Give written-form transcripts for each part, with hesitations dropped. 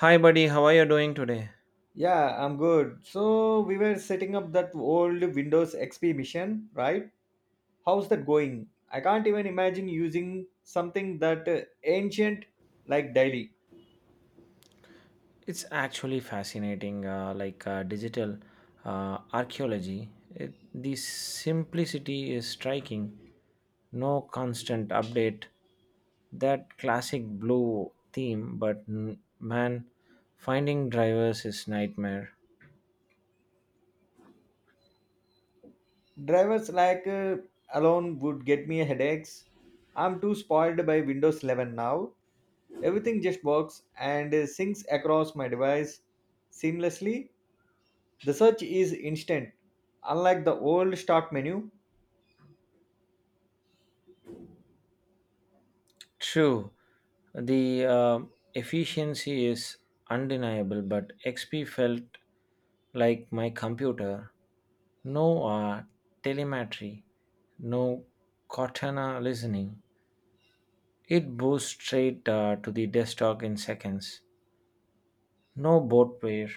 Hi, buddy. How are you doing today? Yeah, I'm good. So we were setting up that old Windows XP mission, right? How's that going? I can't even imagine using something that ancient like daily. It's actually fascinating, digital archaeology. The simplicity is striking. No constant update. That classic blue theme, but man, finding drivers is nightmare. Drivers like alone would get me headaches. I'm too spoiled by Windows 11 now. Everything just works and syncs across my device seamlessly. The search is instant. Unlike the old start menu, True, the efficiency is undeniable, but XP felt like my computer. No telemetry, no Cortana listening. It boosts straight to the desktop in seconds. No boot pair.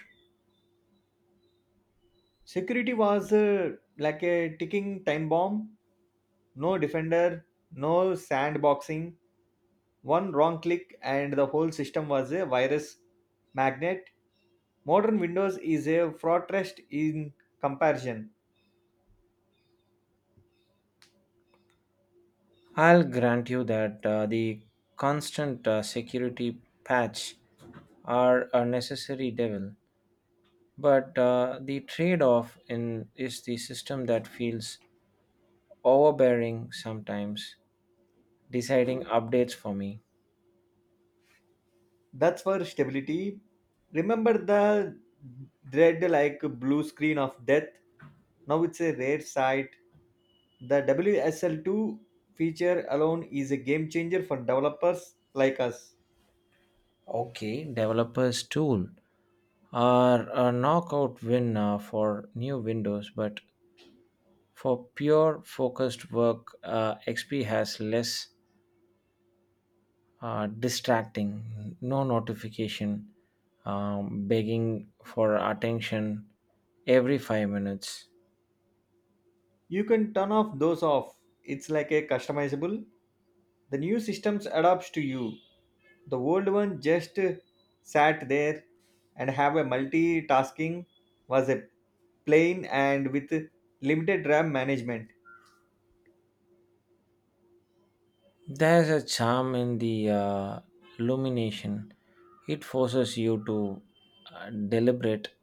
security was like a ticking time bomb. No defender, no sandboxing, one wrong click, and the whole system was a virus magnet. Modern Windows is a fortress in comparison. I'll grant you that the constant security patch are a necessary devil, but the trade off in is the system that feels overbearing sometimes, deciding updates for me. That's for stability. Remember the dread like blue screen of death? Now it's a rare sight. The WSL2 feature alone is a game changer for developers like us. Okay, developers tool are a knockout win for new Windows, but for pure focused work, XP has less distracting, no notification, begging for attention every 5 minutes. You can turn off those off. It's like a customizable. The new systems adapts to you. The old one just sat there and have a multitasking was a plain and with limited RAM management. There's a charm in the illumination. It forces you to deliberate.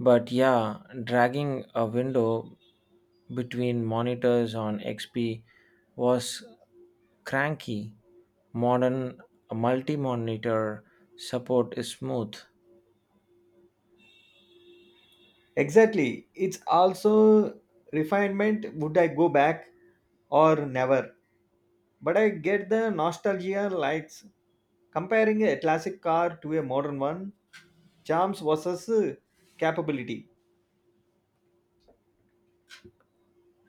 But yeah, dragging a window between monitors on XP was cranky. Modern multi monitor support is smooth. Exactly. It's also refinement. Would I go back or never? But I get the nostalgia likes comparing a classic car to a modern one, charms versus capability.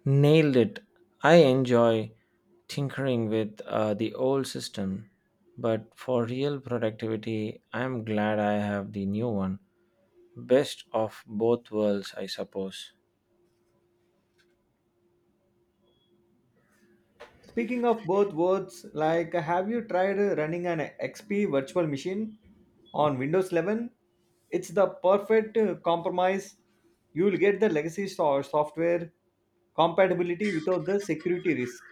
Nailed it. I enjoy tinkering with the old system, but for real productivity, I'm glad I have the new one. Best of both worlds, I suppose. Speaking of both words, like have you tried running an XP virtual machine? On Windows 11, it's the perfect compromise. You will get the legacy software compatibility without the security risk.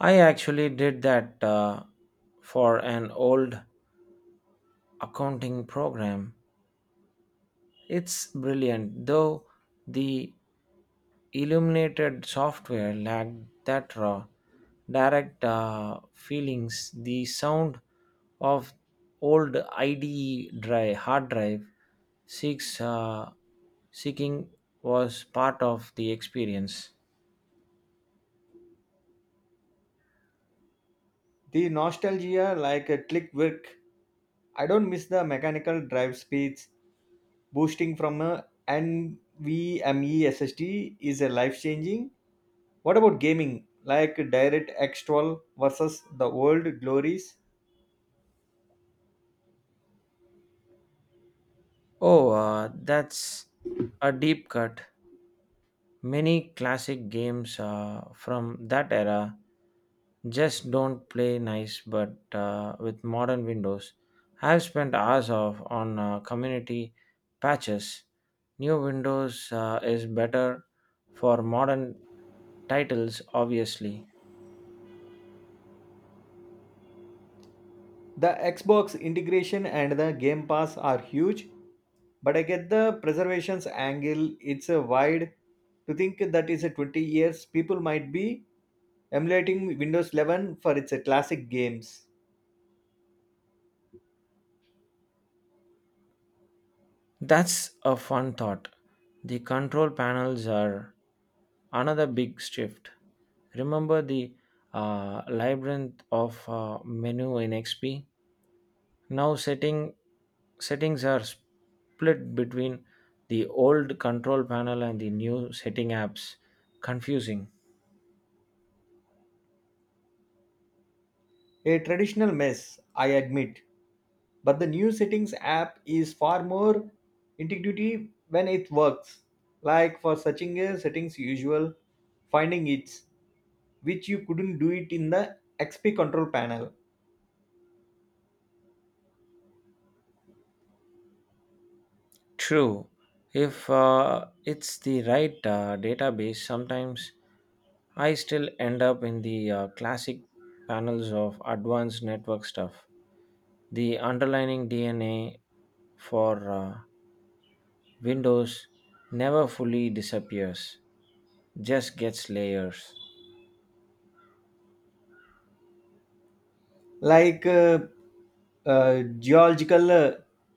I actually did that for an old accounting program. It's brilliant, though the illuminated software lacked that raw, direct feelings. The sound of old IDE drive, hard drive seeks, seeking was part of the experience. The nostalgia, like a click work, I don't miss the mechanical drive speeds. Boosting from a NVMe SSD is a life changing. What about gaming? Like DirectX 12 versus the old glories? Oh, that's a deep cut. Many classic games from that era just don't play nice, but with modern Windows, I've spent hours of on community patches. New Windows is better for modern titles, obviously. The Xbox integration and the Game Pass are huge, but I get the preservations angle. It's a wide to think that is a 20 years people might be emulating Windows 11 for its classic games. That's a fun thought. The control panels are another big shift. Remember the labyrinth of menu in XP? Now settings are split between the old control panel and the new setting apps. Confusing. A traditional mess, I admit, but the new settings app is far more intuitive when it works. Like for searching a settings usual, finding it, which you couldn't do it in the XP control panel. True. If it's the right database, sometimes I still end up in the classic panels of advanced network stuff. The underlying DNA for Windows never fully disappears, just gets layers. Like geological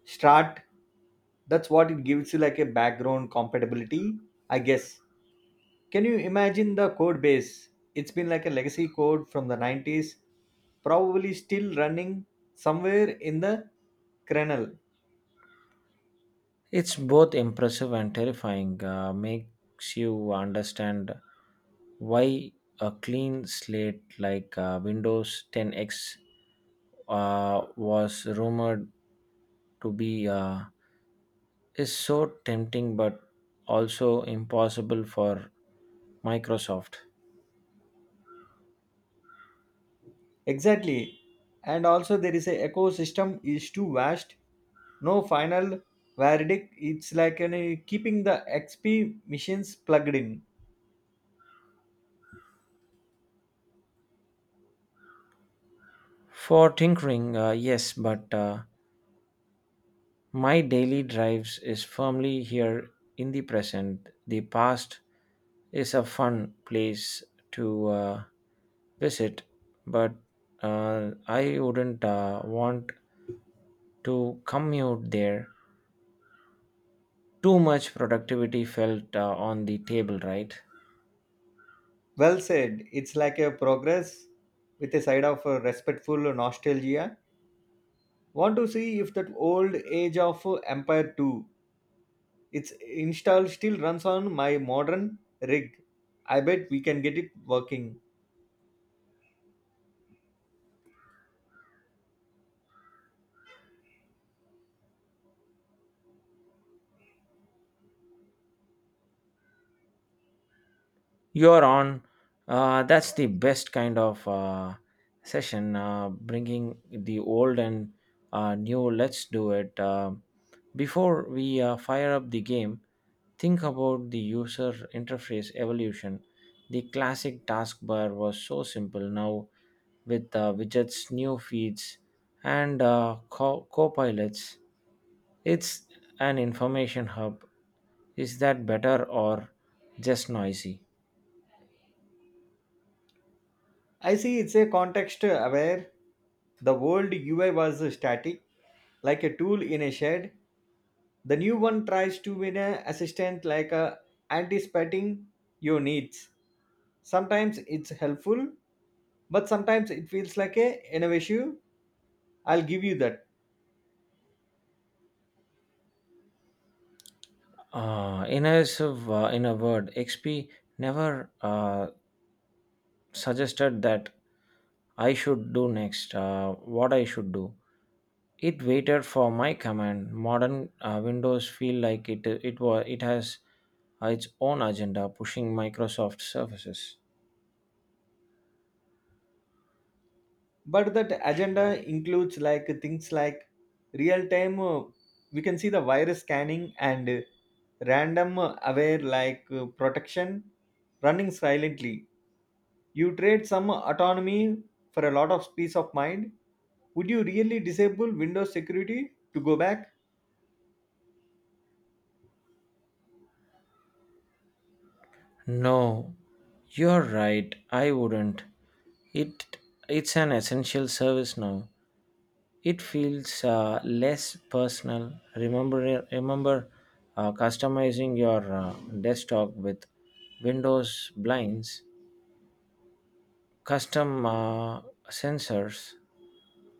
strat, that's what it gives you like a background compatibility, I guess. Can you imagine the code base? It's been like a legacy code from the 90s, probably still running somewhere in the kernel. It's both impressive and terrifying. Makes you understand why a clean slate like Windows 10X was rumored to be is so tempting, but also impossible for Microsoft. Exactly, and also there is a ecosystem is too vast. No final verdict, it's like an, keeping the XP machines plugged in. For tinkering, yes, but my daily drives is firmly here in the present. The past is a fun place to visit, but I wouldn't want to commute there. Too much productivity felt on the table, right? Well said. It's like a progress with a side of respectful nostalgia. Want to see if that old age of Empire 2 its install still runs on my modern rig. I bet we can get it working. You're on. That's the best kind of session, bringing the old and new. Let's do it. Before we fire up the game, think about the user interface evolution. The classic taskbar was so simple. Now, with widgets, new feeds, and co-pilots, it's an information hub. Is that better or just noisy? I see it's a context aware. The old UI was static, like a tool in a shed. The new one tries to win an assistant like a anticipating your needs. Sometimes it's helpful, but sometimes it feels like a innovation. I'll give you that. In a word, XP never suggested that I should do next, what I should do. It waited for my command. Modern Windows feel like it has its own agenda, pushing Microsoft services. But that agenda includes like things like real time, we can see the virus scanning and random aware like protection running silently. You trade some autonomy for a lot of peace of mind. Would you really disable Windows security to go back? No, you're right. I wouldn't. It it's an essential service now. It feels less personal. Remember, customizing your desktop with windows blinds, custom sensors,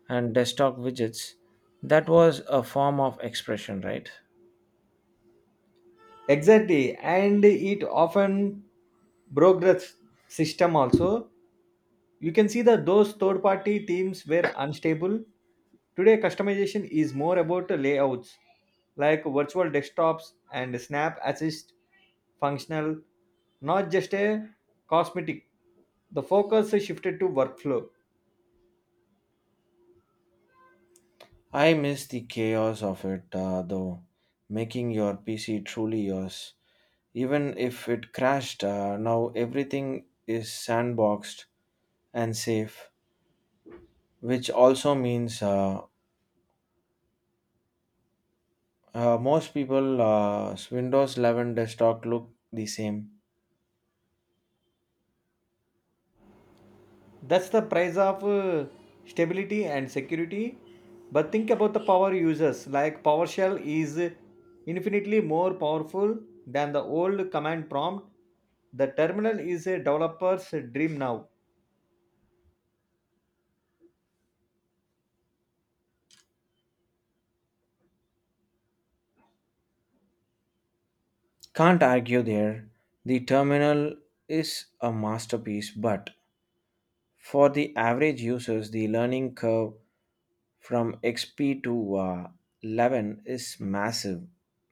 and desktop widgets. That was a form of expression, right? Exactly, and it often broke the system also. You can see that those third party themes were unstable. Today, customization is more about the layouts like virtual desktops and Snap Assist, functional, not just a cosmetic. The focus is shifted to workflow. I miss the chaos of it, though, making your PC truly yours. Even if it crashed, now everything is sandboxed and safe, which also means most people, Windows 11 desktop look the same. That's the price of stability and security. But think about the power users. Like PowerShell is infinitely more powerful than the old command prompt. The terminal is a developer's dream now. Can't argue there. The terminal is a masterpiece, but for the average users, the learning curve from XP to 11 is massive.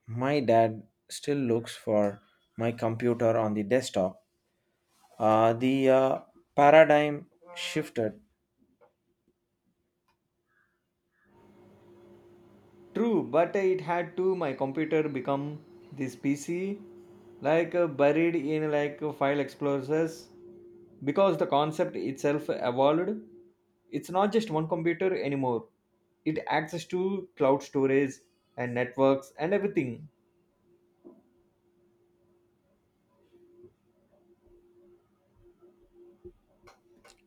My dad still looks for my computer on the desktop. The paradigm shifted. True, but it had to my computer become this PC, like buried in like file explorers. Because the concept itself evolved, it's not just one computer anymore. It access to cloud storage and networks and everything.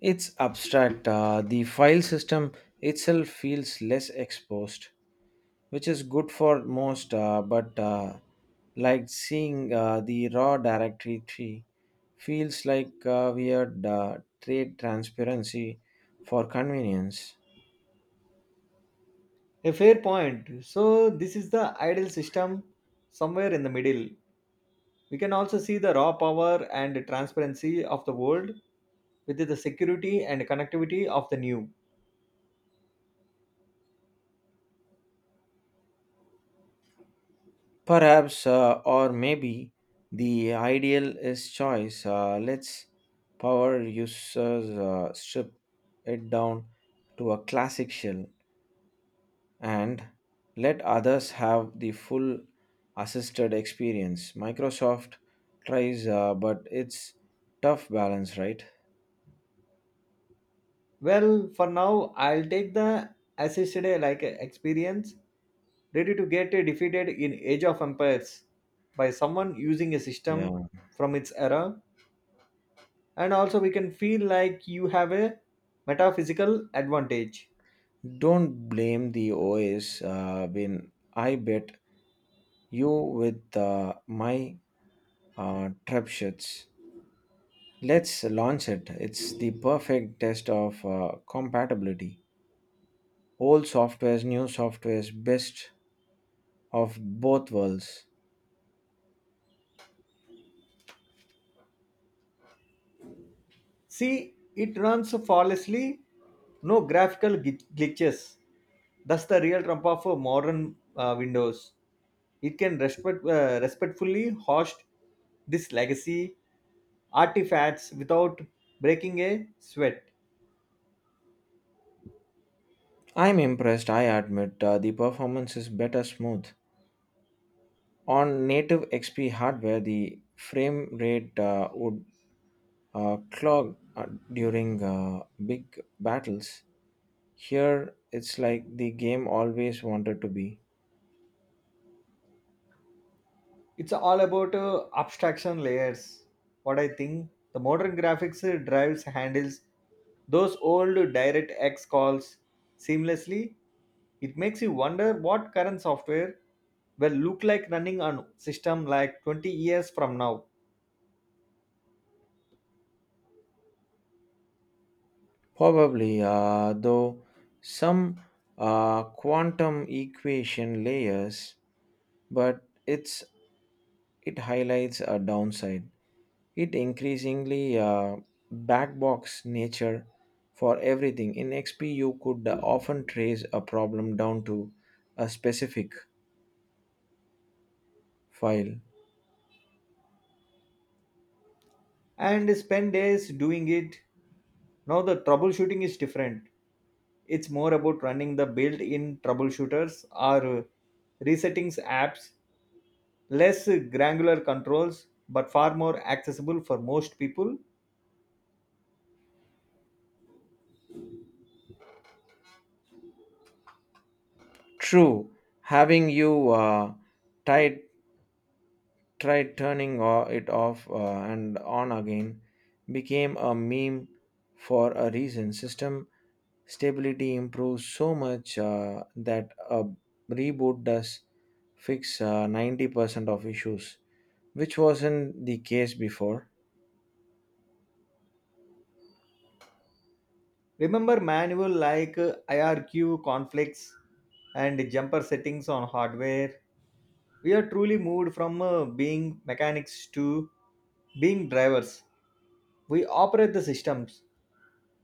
It's abstract. The file system itself feels less exposed, which is good for most but like seeing the raw directory tree feels like weird trade transparency for convenience. A fair point. So this is the ideal system somewhere in the middle. We can also see the raw power and transparency of the world with the security and connectivity of the new. Perhaps or maybe the ideal is choice. Let's power users strip it down to a classic shell and let others have the full assisted experience. Microsoft tries, but it's tough balance, right? Well, for now I'll take the assisted like experience. Ready to get defeated in Age of Empires by someone using a system Yeah. from its era, and also we can feel like you have a metaphysical advantage. Don't blame the OS when I bet you with my trebuchets. Let's launch it. It's the perfect test of compatibility. Old softwares, new softwares, best of both worlds. See, it runs flawlessly, no graphical glitches. That's the real trump of modern Windows. It can respectfully host this legacy artifacts without breaking a sweat. I'm impressed, I admit. The performance is better smooth. On native XP hardware, the frame rate would clog during big battles. Here, it's like the game always wanted to be. It's all about abstraction layers. What I think the modern graphics drives handles those old direct x calls seamlessly. It makes you wonder what current software will look like running on system like 20 years from now. Probably, though, some quantum equation layers, but it highlights a downside. It increasingly backbox nature for everything. In XP, you could often trace a problem down to a specific file. And spend days doing it. Now the troubleshooting is different. It's more about running the built-in troubleshooters or resetting apps, less granular controls but far more accessible for most people. True, having you tried tried turning it off and on again became a meme for a reason. System stability improves so much that a reboot does fix 90% of issues, which wasn't the case before. Remember manual like IRQ conflicts and jumper settings on hardware. We are truly moved from being mechanics to being drivers. We operate the systems.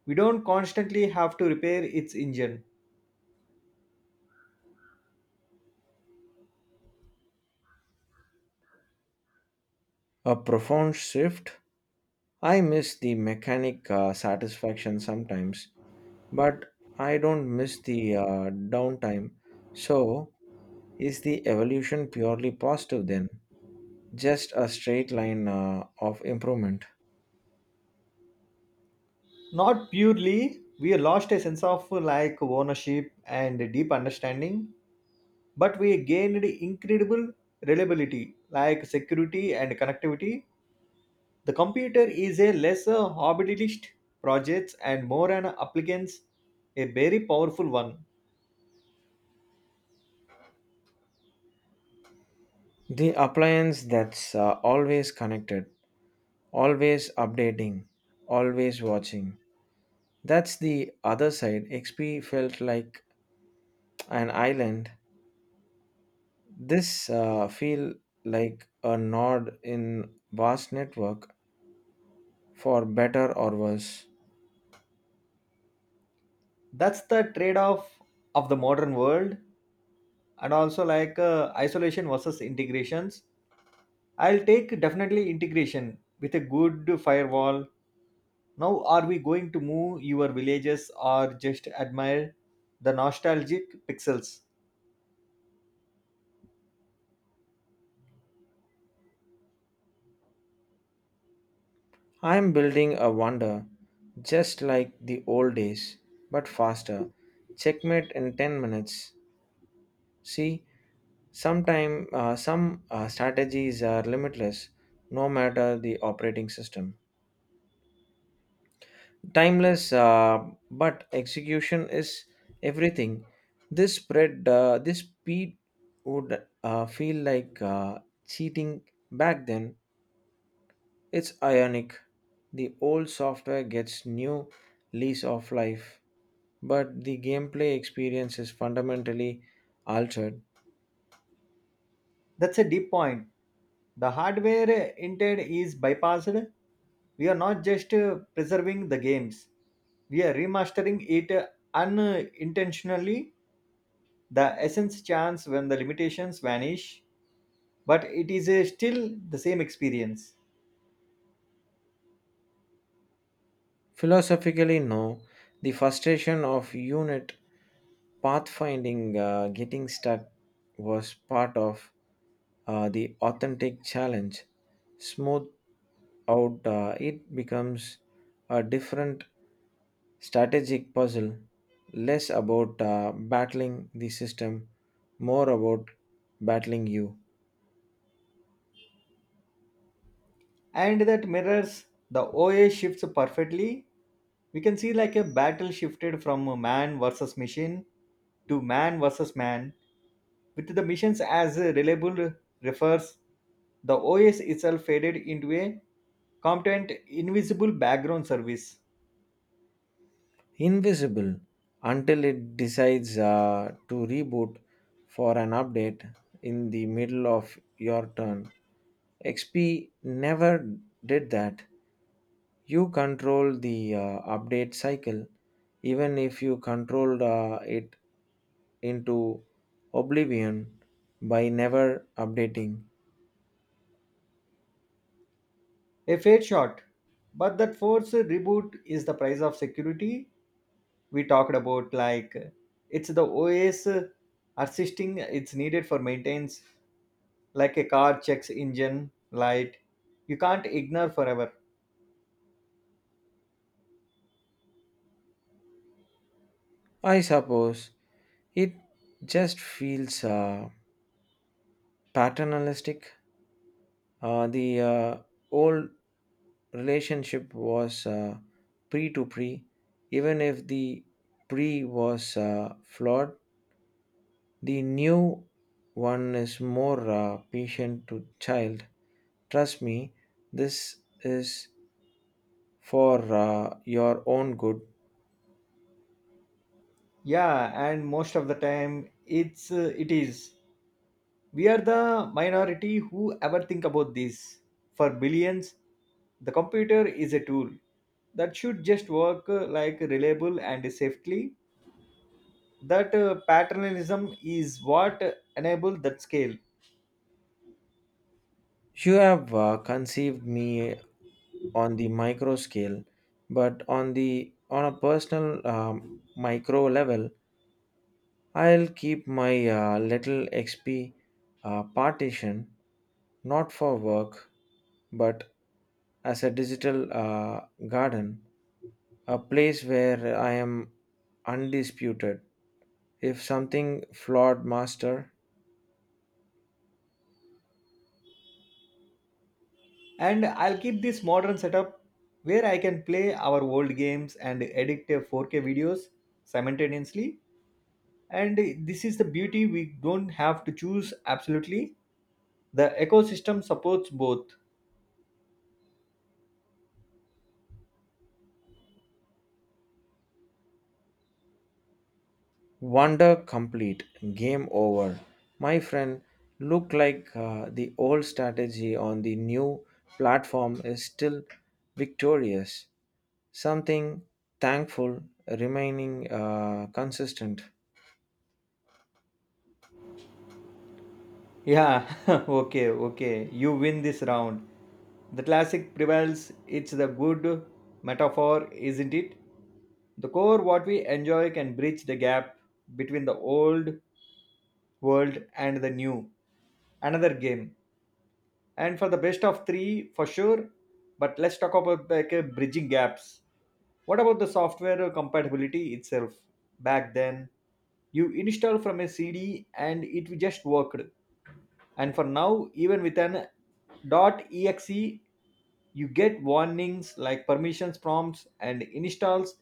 We don't constantly have to repair its engine. A profound shift. I miss the mechanic satisfaction sometimes, but I don't miss the downtime. So, is the evolution purely positive then? Just a straight line of improvement. Not purely, we lost a sense of like ownership and deep understanding, but we gained incredible reliability like security and connectivity. The computer is a less a hobbyist project and more an applicant's, a very powerful one. The appliance that's always connected, always updating, always watching. That's the other side. XP felt like an island. This feel like a nod in vast network for better or worse. That's the trade-off of the modern world, and also like isolation versus integrations. I'll take definitely integration with a good firewall. Now are we going to move your villages or just admire the nostalgic pixels? I am building a wonder just like the old days but faster. Checkmate in 10 minutes. See, some strategies are limitless no matter the operating system. Timeless but execution is everything. This speed would feel like cheating back then. It's ionic. The old software gets new lease of life, but the gameplay experience is fundamentally altered. That's a deep point. The hardware intent is bypassed. We are not just preserving the games, we are remastering it unintentionally. The essence chance when the limitations vanish, but it is still the same experience. Philosophically, no. The frustration of unit pathfinding, getting stuck, was part of the authentic challenge. Smooth out, it becomes a different strategic puzzle, less about battling the system, more about battling you. And that mirrors the OA shifts perfectly. We can see like a battle shifted from man versus machine to man versus man. With the missions as reliable refers, the OS itself faded into a competent invisible background service. Invisible until it decides to reboot for an update in the middle of your turn. XP never did that. You control the update cycle, even if you controlled it into oblivion by never updating. A fair shot. But that forced reboot is the price of security we talked about. Like it's the OS assisting it's needed for maintenance, like a car checks engine light. You can't ignore forever. I suppose it just feels paternalistic. The old relationship was pre to pre, even if the pre was flawed, the new one is more patient to child. Trust me, this is for your own good. Yeah, and most of the time it's it is. We are the minority who ever think about this. For billions, the computer is a tool that should just work like reliable and safely. That paternalism is what enabled that scale. You have conceived me on the micro scale, but on the on a personal micro level, I'll keep my little XP partition not for work but as a digital garden, a place where I am undisputed. If something flawed, master, And I'll keep this modern setup where I can play our old games and edit 4K videos simultaneously. And this is the beauty we don't have to choose absolutely. The ecosystem supports both. wonder complete. Game over. My friend, look like the old strategy on the new platform is still victorious. Something thankful remaining consistent. Yeah, okay, okay. You win this round. The classic prevails. It's the good metaphor, isn't it? The core, what we enjoy, can bridge the gap between the old world and the new. Another game. And for the best of three, for sure. But let's talk about like bridging gaps. What about the software compatibility itself? Back then, you installed from a CD and it just worked, and for now even with an exe you get warnings like permissions prompts and installs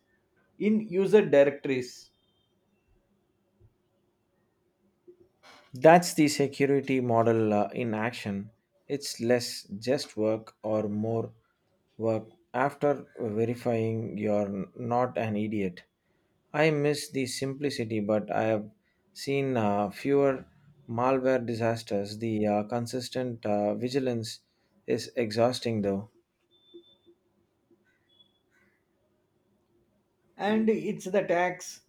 in user directories. That's the security model in action. It's less just work or more work after verifying you're not an idiot. I miss the simplicity, but I have seen fewer malware disasters. The consistent vigilance is exhausting, though. And it's the tax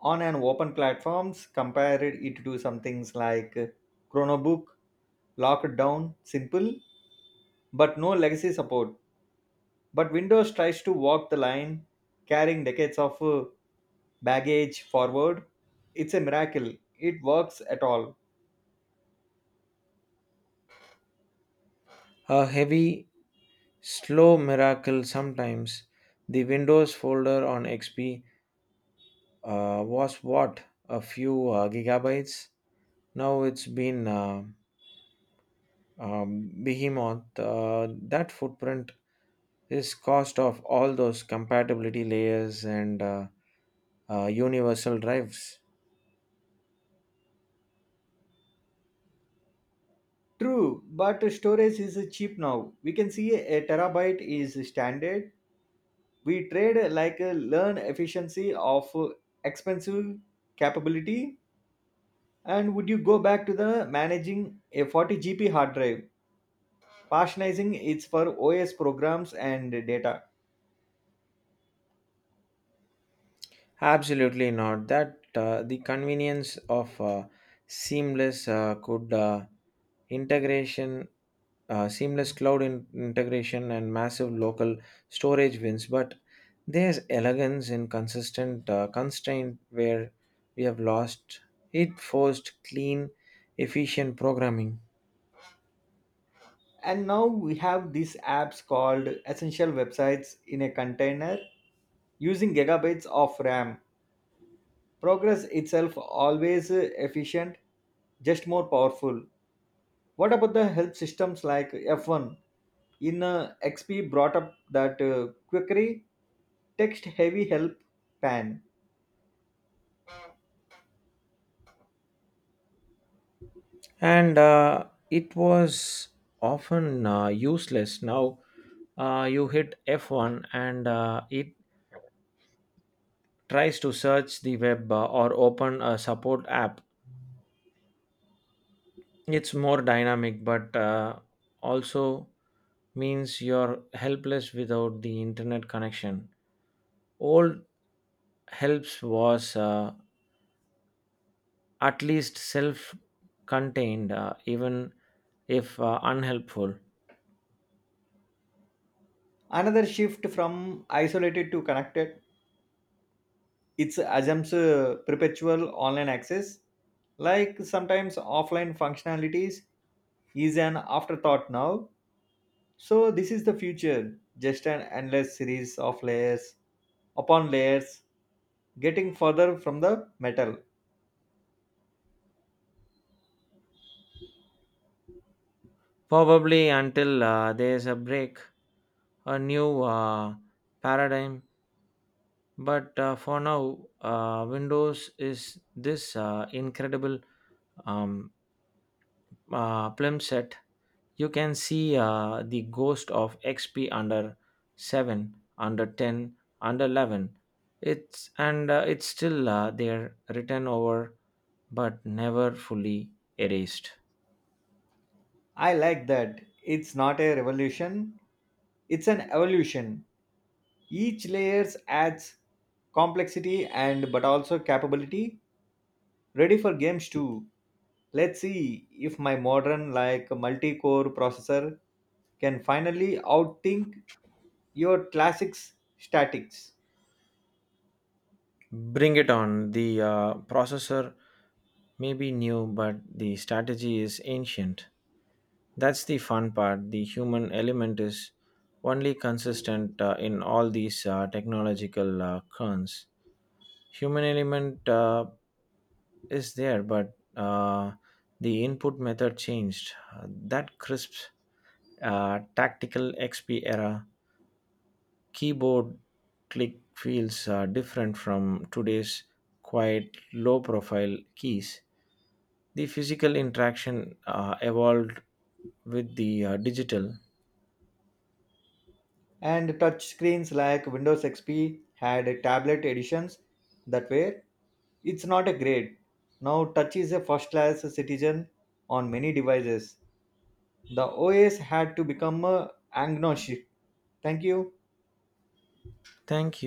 on an open platforms. Compare it to some things like chronobook, locked down, simple, but no legacy support. But Windows tries to walk the line, carrying decades of baggage forward. It's a miracle it works at all. A heavy, slow miracle sometimes. The Windows folder on XP was what a few gigabytes. Now it's been behemoth. That footprint is cost of all those compatibility layers and universal drives. True, but storage is cheap now. We can see a terabyte is standard. We trade like a learn efficiency of expensive capability. And would you go back to the managing a 40 GP hard drive, partitioning it for OS programs and data? Absolutely not. That the convenience of seamless uh, could uh, integration, seamless cloud integration, and massive local storage wins. But there's elegance in consistent constraint where we have lost it. Forced clean, efficient programming, And now we have these apps called essential websites in a container using gigabytes of RAM. Progress itself always efficient, just more powerful. What about the help systems like F1? In XP brought up that quickery text heavy help pan. and it was often useless. Now you hit F1 and it tries to search the web or open a support app. It's more dynamic, but also means you're helpless without the internet connection. Old helps was at least self contained, even if unhelpful. Another shift from isolated to connected. It's assumes perpetual online access. Like sometimes offline functionalities is an afterthought now. So this is the future, just an endless series of layers upon layers, getting further from the metal. Probably until there's a break, a new paradigm. But for now, Windows is this incredible um, film set. You can see the ghost of XP under 7, under 10, under 11. It's still there, written over but never fully erased. I like that. It's not a revolution, it's an evolution. Each layers adds complexity and but also capability. Ready for games too. Let's see if my modern like multi-core processor can finally outthink your classics statics. Bring it on. The processor may be new, but the strategy is ancient. That's the fun part. The human element is only consistent in all these technological currents. Human element is there, but the input method changed. That crisp tactical XP era keyboard click feels different from today's quiet, low profile keys. The physical interaction evolved with the digital. And touchscreens like Windows XP had tablet editions that were it's not a grade. Now touch is a first class citizen on many devices. The OS had to become a agnostic. Thank you. Thank you.